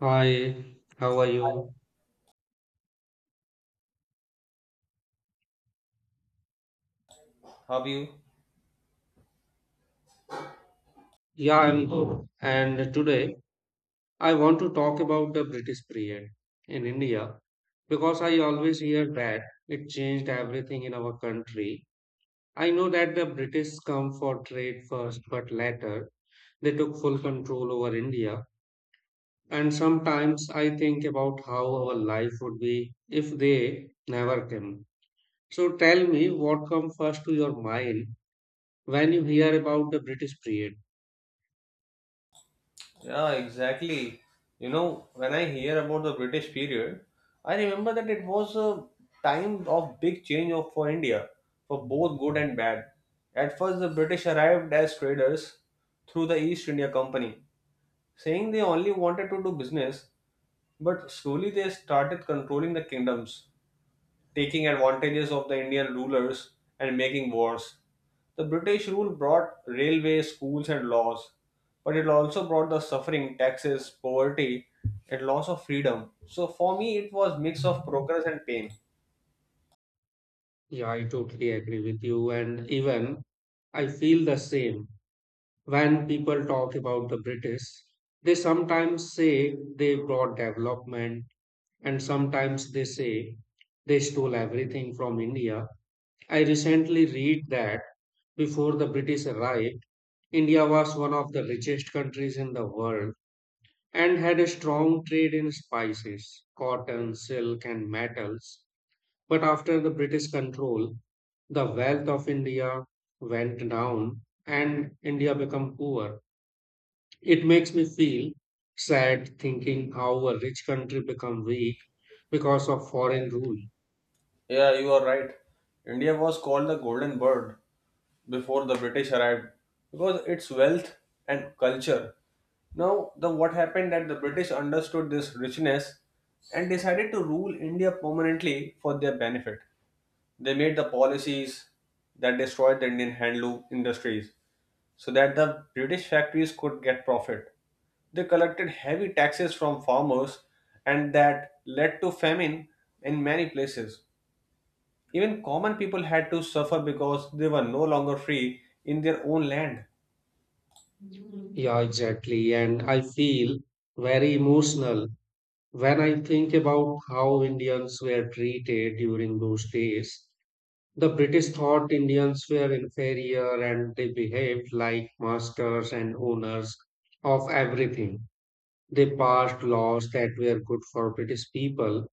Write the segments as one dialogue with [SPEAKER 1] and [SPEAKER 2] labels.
[SPEAKER 1] Hi, how are you?
[SPEAKER 2] Have you?
[SPEAKER 1] Yeah, I'm good. And today I want to talk about the British period in India because I always hear that it changed everything in our country. I know that the British come for trade first, but later they took full control over India. And sometimes I think about how our life would be if they never came. So tell me what comes first to your mind when you hear about the British period.
[SPEAKER 2] Yeah, exactly. When I hear about the British period, I remember that it was a time of big change for India, for both good and bad. At first, the British arrived as traders through the East India Company, saying they only wanted to do business, but slowly they started controlling the kingdoms, taking advantages of the Indian rulers and making wars. The British rule brought railways, schools, and laws, but it also brought the suffering, taxes, poverty, and loss of freedom. So for me, it was mix of progress and pain.
[SPEAKER 1] Yeah, I totally agree with you. And even I feel the same when people talk about the British. They sometimes say they brought development, and sometimes they say they stole everything from India. I recently read that before the British arrived, India was one of the richest countries in the world and had a strong trade in spices, cotton, silk, and metals. But after the British control, the wealth of India went down and India became poor. It makes me feel sad thinking how a rich country become weak because of foreign rule.
[SPEAKER 2] Yeah, you are right. India was called the Golden Bird before the British arrived because its wealth and culture. Now, the what happened that the British understood this richness and decided to rule India permanently for their benefit. They made the policies that destroyed the Indian handloom industries so that the British factories could get profit. They collected heavy taxes from farmers, and that led to famine in many places. Even common people had to suffer because they were no longer free in their own land.
[SPEAKER 1] Yeah, exactly. And I feel very emotional when I think about how Indians were treated during those days. The British thought Indians were inferior and they behaved like masters and owners of everything. They passed laws that were good for British people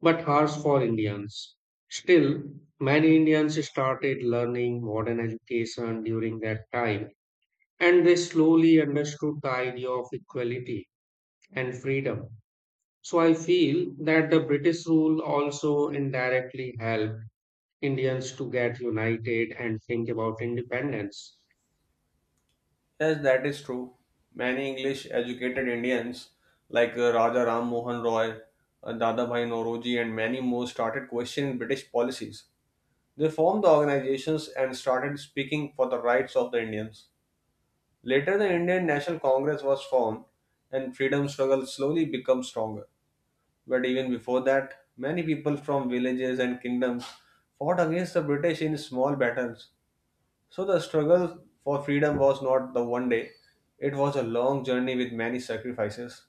[SPEAKER 1] but harsh for Indians. Still, many Indians started learning modern education during that time and they slowly understood the idea of equality and freedom. So I feel that the British rule also indirectly helped Indians to get united and think about independence.
[SPEAKER 2] Yes, that is true. Many English educated Indians like Raja Ram Mohan Roy, Dadabhai Nauroji, and many more started questioning British policies. They formed the organizations and started speaking for the rights of the Indians. Later, the Indian National Congress was formed, and freedom struggle slowly became stronger. But even before that, many people from villages and kingdoms fought against the British in small battles. So the struggle for freedom was not the one day; it was a long journey with many sacrifices.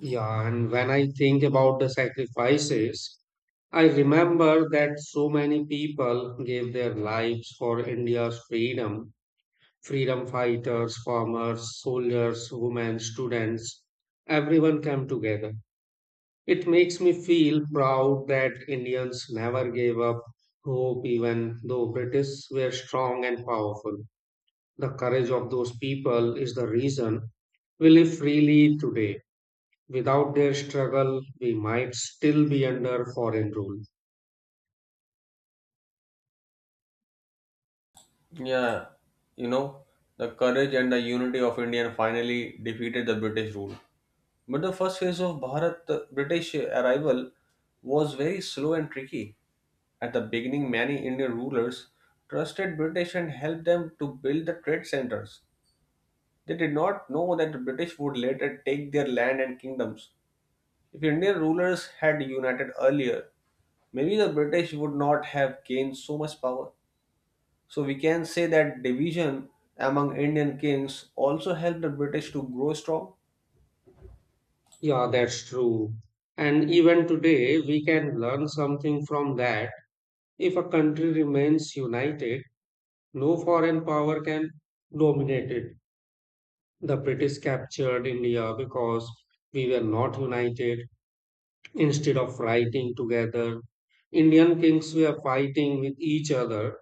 [SPEAKER 1] Yeah, and when I think about the sacrifices, I remember that so many people gave their lives for India's freedom freedom fighters, farmers, soldiers, women, students. Everyone came together. It makes me feel proud that Indians never gave up hope, even though British were strong and powerful. The courage of those people is the reason we live freely today. Without their struggle, we might still be under foreign rule.
[SPEAKER 2] Yeah, you know, the courage and the unity of India finally defeated the British rule. But the first phase of Bharat British arrival was very slow and tricky. At the beginning, many Indian rulers trusted British and helped them to build the trade centers. They did not know that the British would later take their land and kingdoms. If Indian rulers had united earlier, maybe the British would not have gained so much power. So we can say that division among Indian kings also helped the British to grow strong.
[SPEAKER 1] Yeah, that's true. And even today, we can learn something from that. If a country remains united, no foreign power can dominate it. The British captured India because we were not united. Instead of fighting together, Indian kings were fighting with each other.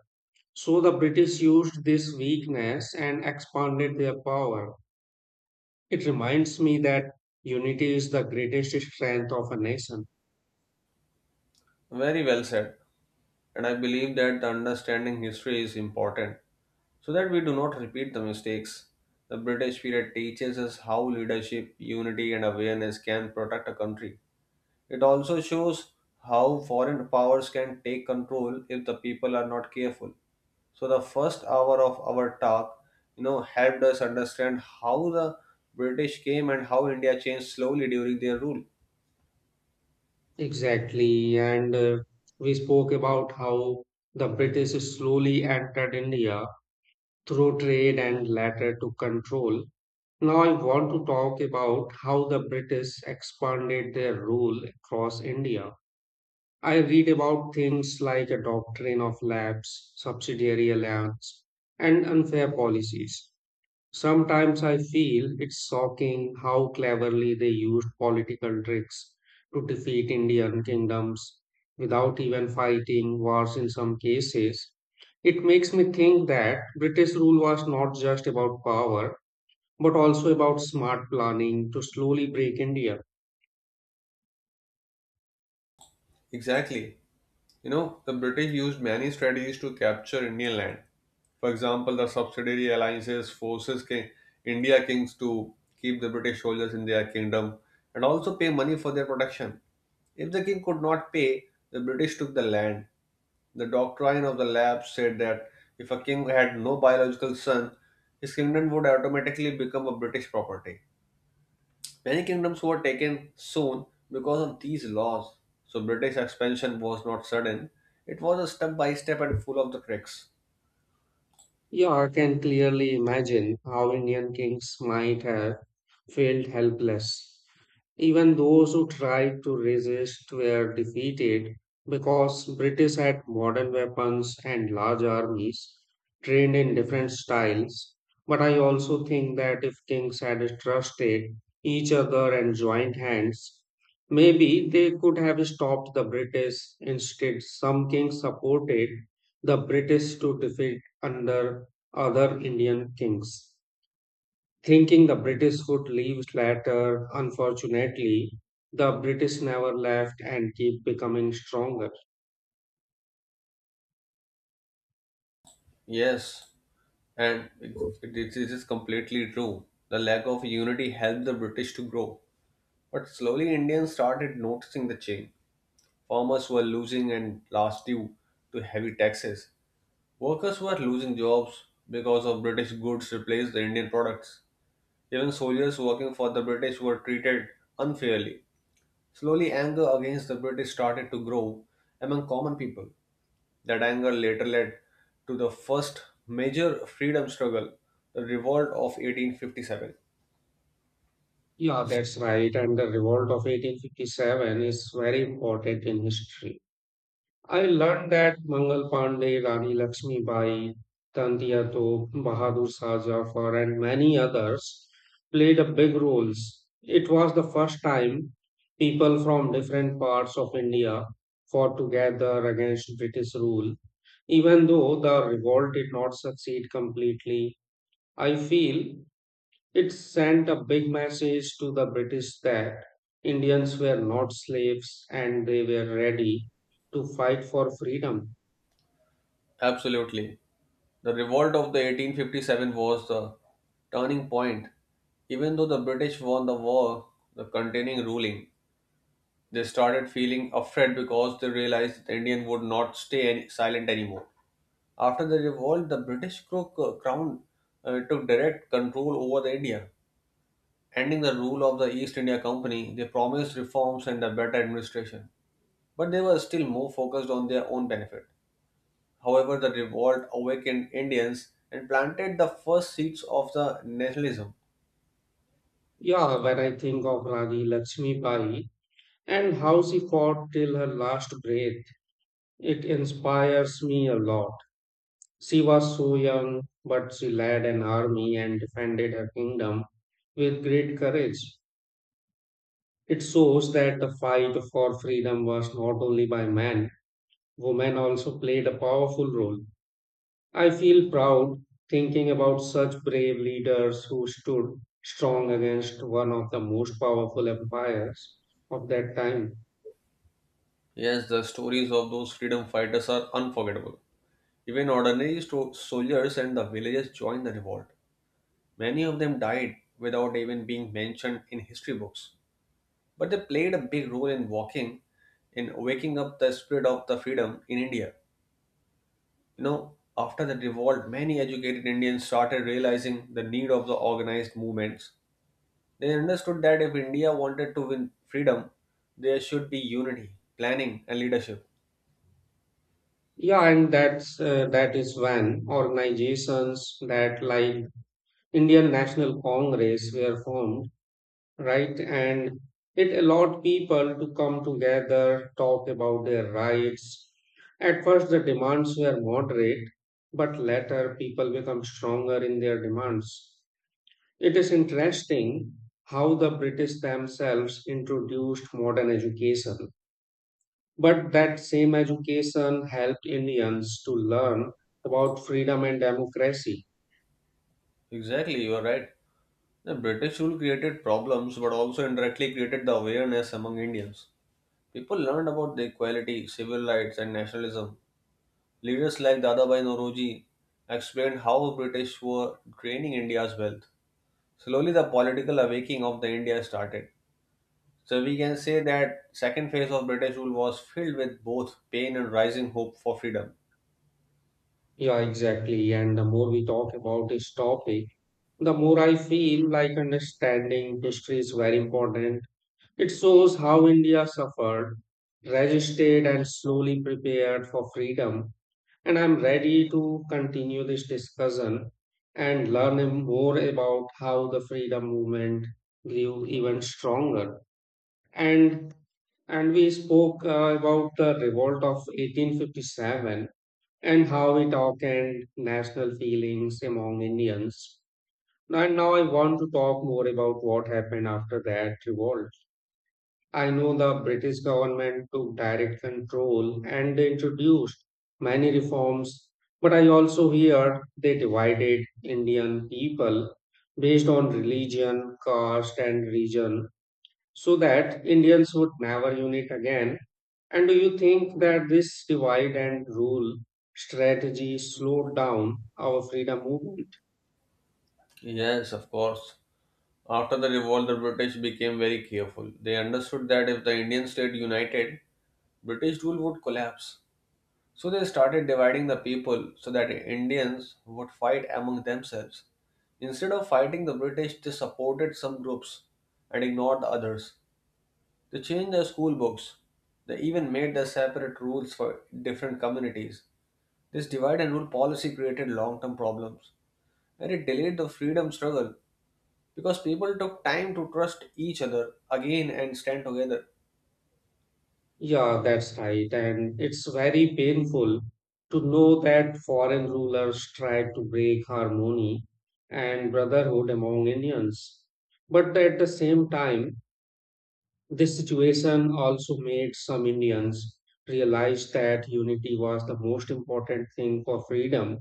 [SPEAKER 1] So the British used this weakness and expanded their power. It reminds me that unity is the greatest strength of a nation.
[SPEAKER 2] Very well said, and I believe that the understanding history is important so that we do not repeat the mistakes. The British period teaches us how leadership, unity, and awareness can protect a country. It also shows how foreign powers can take control if the people are not careful. So the first hour of our talk, helped us understand how the British came and how India changed slowly during their rule.
[SPEAKER 1] Exactly, and we spoke about how the British slowly entered India through trade and later to control. Now, I want to talk about how the British expanded their rule across India. I read about things like a doctrine of lapse, subsidiary allowance, and unfair policies. Sometimes I feel it's shocking how cleverly they used political tricks to defeat Indian kingdoms without even fighting wars in some cases. It makes me think that British rule was not just about power, but also about smart planning to slowly break India.
[SPEAKER 2] Exactly. The British used many strategies to capture Indian land. For example, the subsidiary alliances forces India kings to keep the British soldiers in their kingdom and also pay money for their protection. If the king could not pay, the British took the land. The doctrine of the lab said that if a king had no biological son, his kingdom would automatically become a British property. Many kingdoms were taken soon because of these laws. So British expansion was not sudden. It was a step by step and full of the cracks.
[SPEAKER 1] Yeah, I can clearly imagine how Indian kings might have felt helpless. Even those who tried to resist were defeated because British had modern weapons and large armies trained in different styles. But I also think that if kings had trusted each other and joined hands, maybe they could have stopped the British. Instead, some kings supported the British to defeat under other Indian kings thinking the British would leave later. Unfortunately, the British never left and keep becoming stronger.
[SPEAKER 2] Yes, and it is completely true. The lack of unity helped the British to grow. But slowly, Indians started noticing the change. Farmers were losing and last due to heavy taxes. Workers were losing jobs because of British goods replaced the Indian products. Even soldiers working for the British were treated unfairly. Slowly, anger against the British started to grow among common people. That anger later led to the first major freedom struggle, the Revolt of 1857.
[SPEAKER 1] Yeah, that's right. And the revolt of 1857 is very important in history. I learned that Mangal Pandey, Rani Lakshmi Bai, Tantia Tope, Bahadur Shah Zafar, and many others played a big roles. It was the first time people from different parts of India fought together against British rule. Even though the revolt did not succeed completely, I feel it sent a big message to the British that Indians were not slaves and they were ready to fight for freedom.
[SPEAKER 2] Absolutely. The Revolt of the 1857 was the turning point. Even though the British won the war, the continuing ruling, they started feeling afraid because they realized the Indian would not stay silent anymore. After the revolt, the British crown took direct control over the India, ending the rule of the East India Company. They promised reforms and a better administration, but they were still more focused on their own benefit. However, the revolt awakened Indians and planted the first seeds of the nationalism.
[SPEAKER 1] Yeah, when I think of Rani Lakshmi Bai and how she fought till her last breath, it inspires me a lot. She was so young, but she led an army and defended her kingdom with great courage. It shows that the fight for freedom was not only by men, women also played a powerful role. I feel proud thinking about such brave leaders who stood strong against one of the most powerful empires of that time.
[SPEAKER 2] Yes, the stories of those freedom fighters are unforgettable. Even ordinary soldiers and the villagers joined the revolt. Many of them died without even being mentioned in history books, but they played a big role in waking up the spirit of the freedom in India. After the revolt, many educated Indians started realizing the need of the organized movements. They understood that if India wanted to win freedom, there should be unity, planning, and leadership.
[SPEAKER 1] Yeah, and that is when organizations that like Indian National Congress were formed, right? And it allowed people to come together, talk about their rights. At first, the demands were moderate, but later people become stronger in their demands. It is interesting how the British themselves introduced modern education, but that same education helped Indians to learn about freedom and democracy.
[SPEAKER 2] Exactly, you are right. The British rule created problems but also indirectly created the awareness among Indians. People learned about the equality, civil rights, and nationalism. Leaders like Dadabhai Nauroji explained how British were draining India's wealth. Slowly, the political awakening of the India started. So we can say that second phase of British rule was filled with both pain and rising hope for freedom.
[SPEAKER 1] Yeah, exactly. And the more we talk about this topic, the more I feel like understanding history is very important. It shows how India suffered, resisted, and slowly prepared for freedom. And I'm ready to continue this discussion and learn more about how the freedom movement grew even stronger. And and we spoke about the revolt of 1857 and how it awakened national feelings among Indians. And now I want to talk more about what happened after that revolt. I know the British government took direct control and they introduced many reforms, but I also hear they divided Indian people based on religion, caste, and region so that Indians would never unite again. And do you think that this divide and rule strategy slowed down our freedom movement?
[SPEAKER 2] Yes, of course. After the revolt, the British became very careful. They understood that if the Indian state united, British rule would collapse. So they started dividing the people so that Indians would fight among themselves. Instead of fighting the British, they supported some groups and ignored the others. They changed their school books. They even made their separate rules for different communities. This divide and rule policy created long term problems, and it delayed the freedom struggle because people took time to trust each other again and stand together.
[SPEAKER 1] Yeah, that's right. And it's very painful to know that foreign rulers tried to break harmony and brotherhood among Indians. But at the same time, this situation also made some Indians realize that unity was the most important thing for freedom.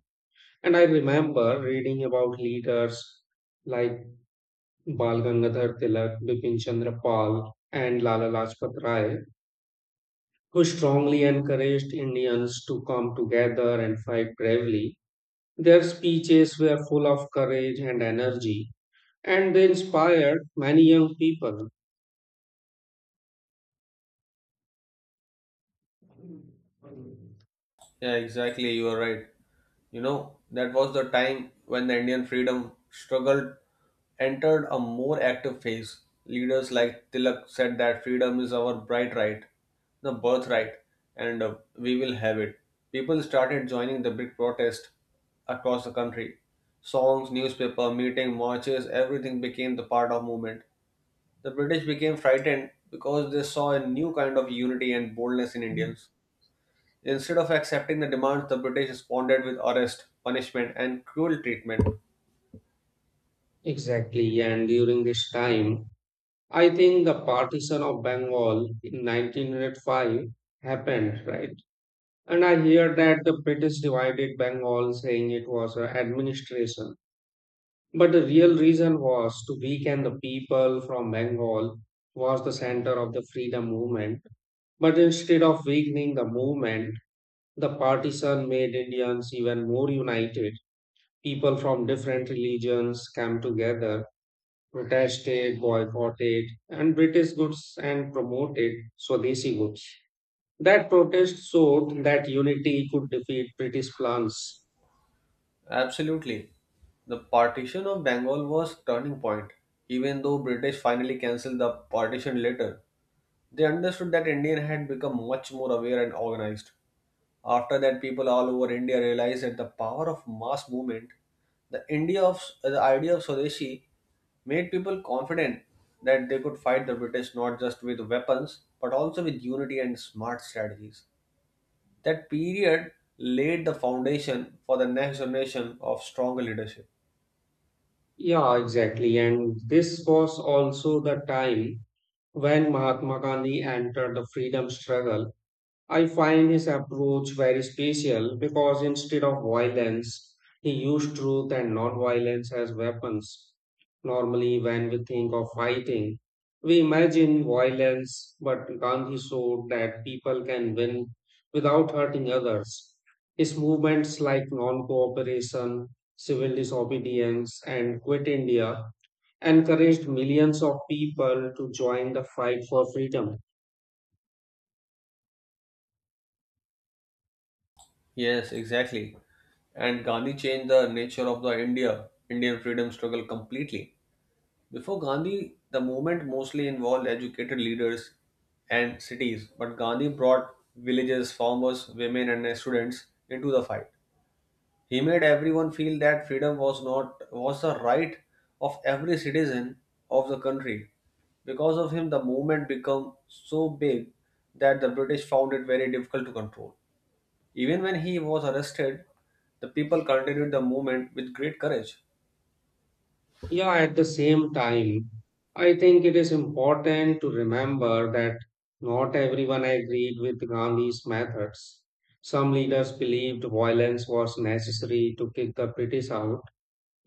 [SPEAKER 1] And I remember reading about leaders like Bal Gangadhar Tilak, Bipin Chandra Pal, and Lala Lajpat Rai who strongly encouraged Indians to come together and fight bravely. Their speeches were full of courage and energy, and they inspired many young people.
[SPEAKER 2] Yeah, exactly. You are right. That was the time when the Indian freedom struggle entered a more active phase. Leaders like Tilak said that freedom is our bright right, the birthright, and we will have it. People started joining the big protest across the country. Songs, newspaper, meeting, marches, everything became the part of movement. The British became frightened because they saw a new kind of unity and boldness in Indians. Instead of accepting the demands, the British responded with arrest, punishment, and cruel treatment.
[SPEAKER 1] Exactly, and during this time, I think the partition of Bengal in 1905 happened, right? And I hear that the British divided Bengal, saying it was an administration. But the real reason was to weaken the people from Bengal was the center of the freedom movement. But instead of weakening the movement, the partisan made Indians even more united. People from different religions came together, protested, boycotted, and British goods and promoted Swadeshi goods. That protest showed that unity could defeat British plans.
[SPEAKER 2] Absolutely. The partition of Bengal was turning point. Even though British finally cancelled the partition later, they understood that India had become much more aware and organized. After that, people all over India realized that the power of mass movement, the India of the idea of Swadeshi, made people confident that they could fight the British not just with weapons but also with unity and smart strategies. That period laid the foundation for the next generation of stronger leadership.
[SPEAKER 1] Yeah, exactly. And this was also the time when Mahatma Gandhi entered the freedom struggle. I find his approach very special because instead of violence, he used truth and non-violence as weapons. Normally, when we think of fighting, we imagine violence, but Gandhi showed that people can win without hurting others. His movements like non-cooperation, civil disobedience, and Quit India encouraged millions of people to join the fight for freedom.
[SPEAKER 2] Yes, exactly. And Gandhi changed the nature of the Indian freedom struggle completely. Before Gandhi, the movement mostly involved educated leaders and cities, but Gandhi brought villages, farmers, women, and students into the fight. He made everyone feel that freedom was not was the right of every citizen of the country. Because of him, the movement became so big that the British found it very difficult to control. Even when he was arrested, the people continued the movement with great courage.
[SPEAKER 1] Yeah, at the same time, I think it is important to remember that not everyone agreed with Gandhi's methods. Some leaders believed violence was necessary to kick the British out.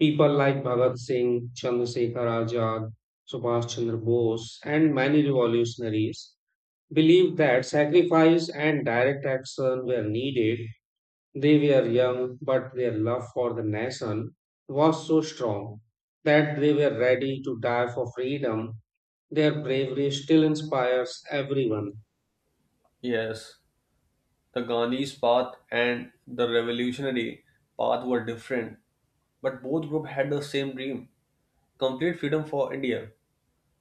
[SPEAKER 1] People like Bhagat Singh, Chandrasekhar Azad, Subhash Chandra Bose, and many revolutionaries believed that sacrifice and direct action were needed. They were young, but their love for the nation was so strong that they were ready to die for freedom. Their bravery still inspires everyone.
[SPEAKER 2] Yes, the Gandhi's path and the revolutionary path were different, but both groups had the same dream, complete freedom for India.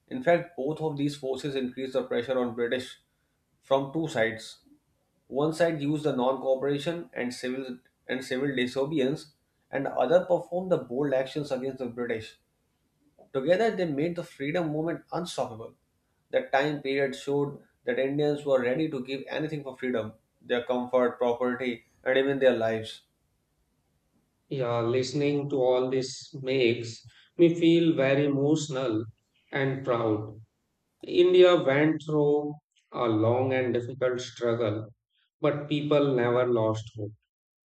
[SPEAKER 2] In fact, both of these forces increased the pressure on British from two sides. One side used the non-cooperation and civil disobedience, and the other performed the bold actions against the British. Together, they made the freedom movement unstoppable. That time period showed that Indians were ready to give anything for freedom, their comfort, property, and even their lives.
[SPEAKER 1] Yeah, listening to all this makes me feel very emotional and proud. India went through a long and difficult struggle, but people never lost hope.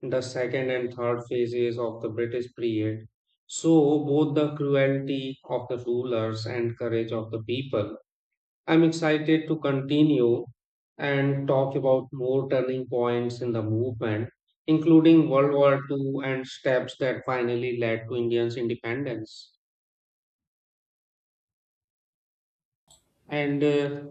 [SPEAKER 1] The second and third phases of the British period show both the cruelty of the rulers and courage of the people. I'm excited to continue and talk about more turning points in the movement, including World War II and steps that finally led to Indians' independence. And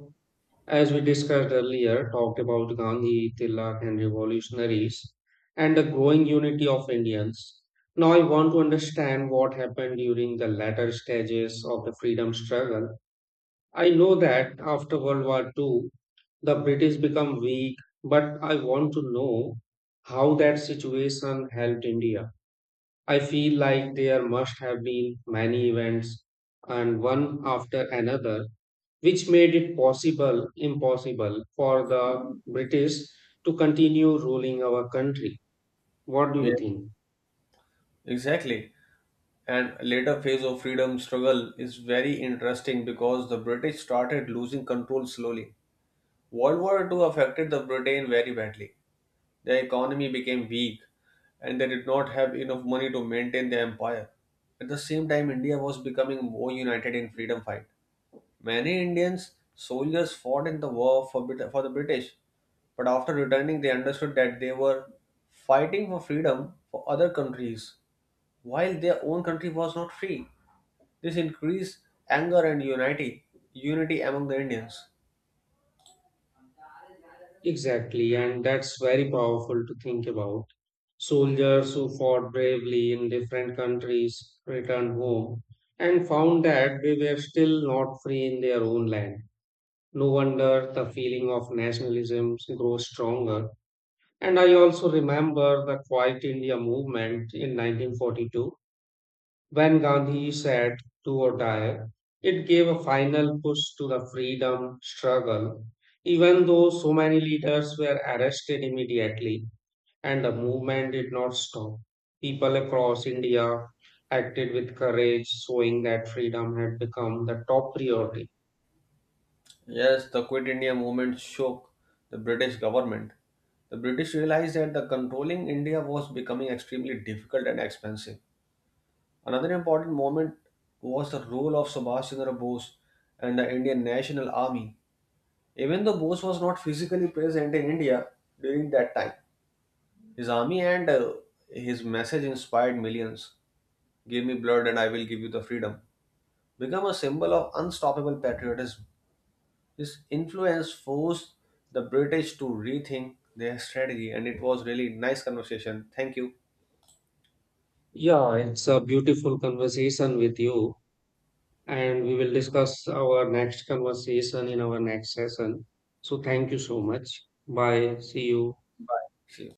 [SPEAKER 1] as we discussed earlier, talked about Gandhi, Tilak, and revolutionaries, and the growing unity of Indians. Now, I want to understand what happened during the latter stages of the freedom struggle. I know that after World War II, the British become weak, but I want to know how that situation helped India. I feel like there must have been many events, and one after another, which made it possible, impossible for the British to continue ruling our country. What do
[SPEAKER 2] Yeah.
[SPEAKER 1] you think?
[SPEAKER 2] Exactly. And later phase of freedom struggle is very interesting because the British started losing control slowly. World War II affected the Britain very badly. Their economy became weak and they did not have enough money to maintain their empire. At the same time, India was becoming more united in freedom fight. Many Indian soldiers fought in the war for the British, but after returning, they understood that they were fighting for freedom for other countries while their own country was not free. This increased anger and unity among the Indians.
[SPEAKER 1] Exactly, and that's very powerful to think about. Soldiers who fought bravely in different countries returned home and found that they were still not free in their own land. No wonder the feeling of nationalism grows stronger. And I also remember the Quiet India movement in 1942 when Gandhi said do or die, it gave a final push to the freedom struggle, even though so many leaders were arrested immediately and the movement did not stop. People across India acted with courage, showing that freedom had become the top priority.
[SPEAKER 2] Yes, the Quit India movement shook the British government. The British realized that the controlling India was becoming extremely difficult and expensive. Another important moment was the role of Subhash Chandra Bose and the Indian National Army. Even though Bose was not physically present in India during that time, his army and his message inspired millions. Give me blood and I will give you the freedom. Become a symbol of unstoppable patriotism. His influence forced the British to rethink their strategy, and it was really nice conversation. Thank you.
[SPEAKER 1] Yeah, it's a beautiful conversation with you, and we will discuss our next conversation in our next session. So, thank you so much. Bye. See you.
[SPEAKER 2] See you.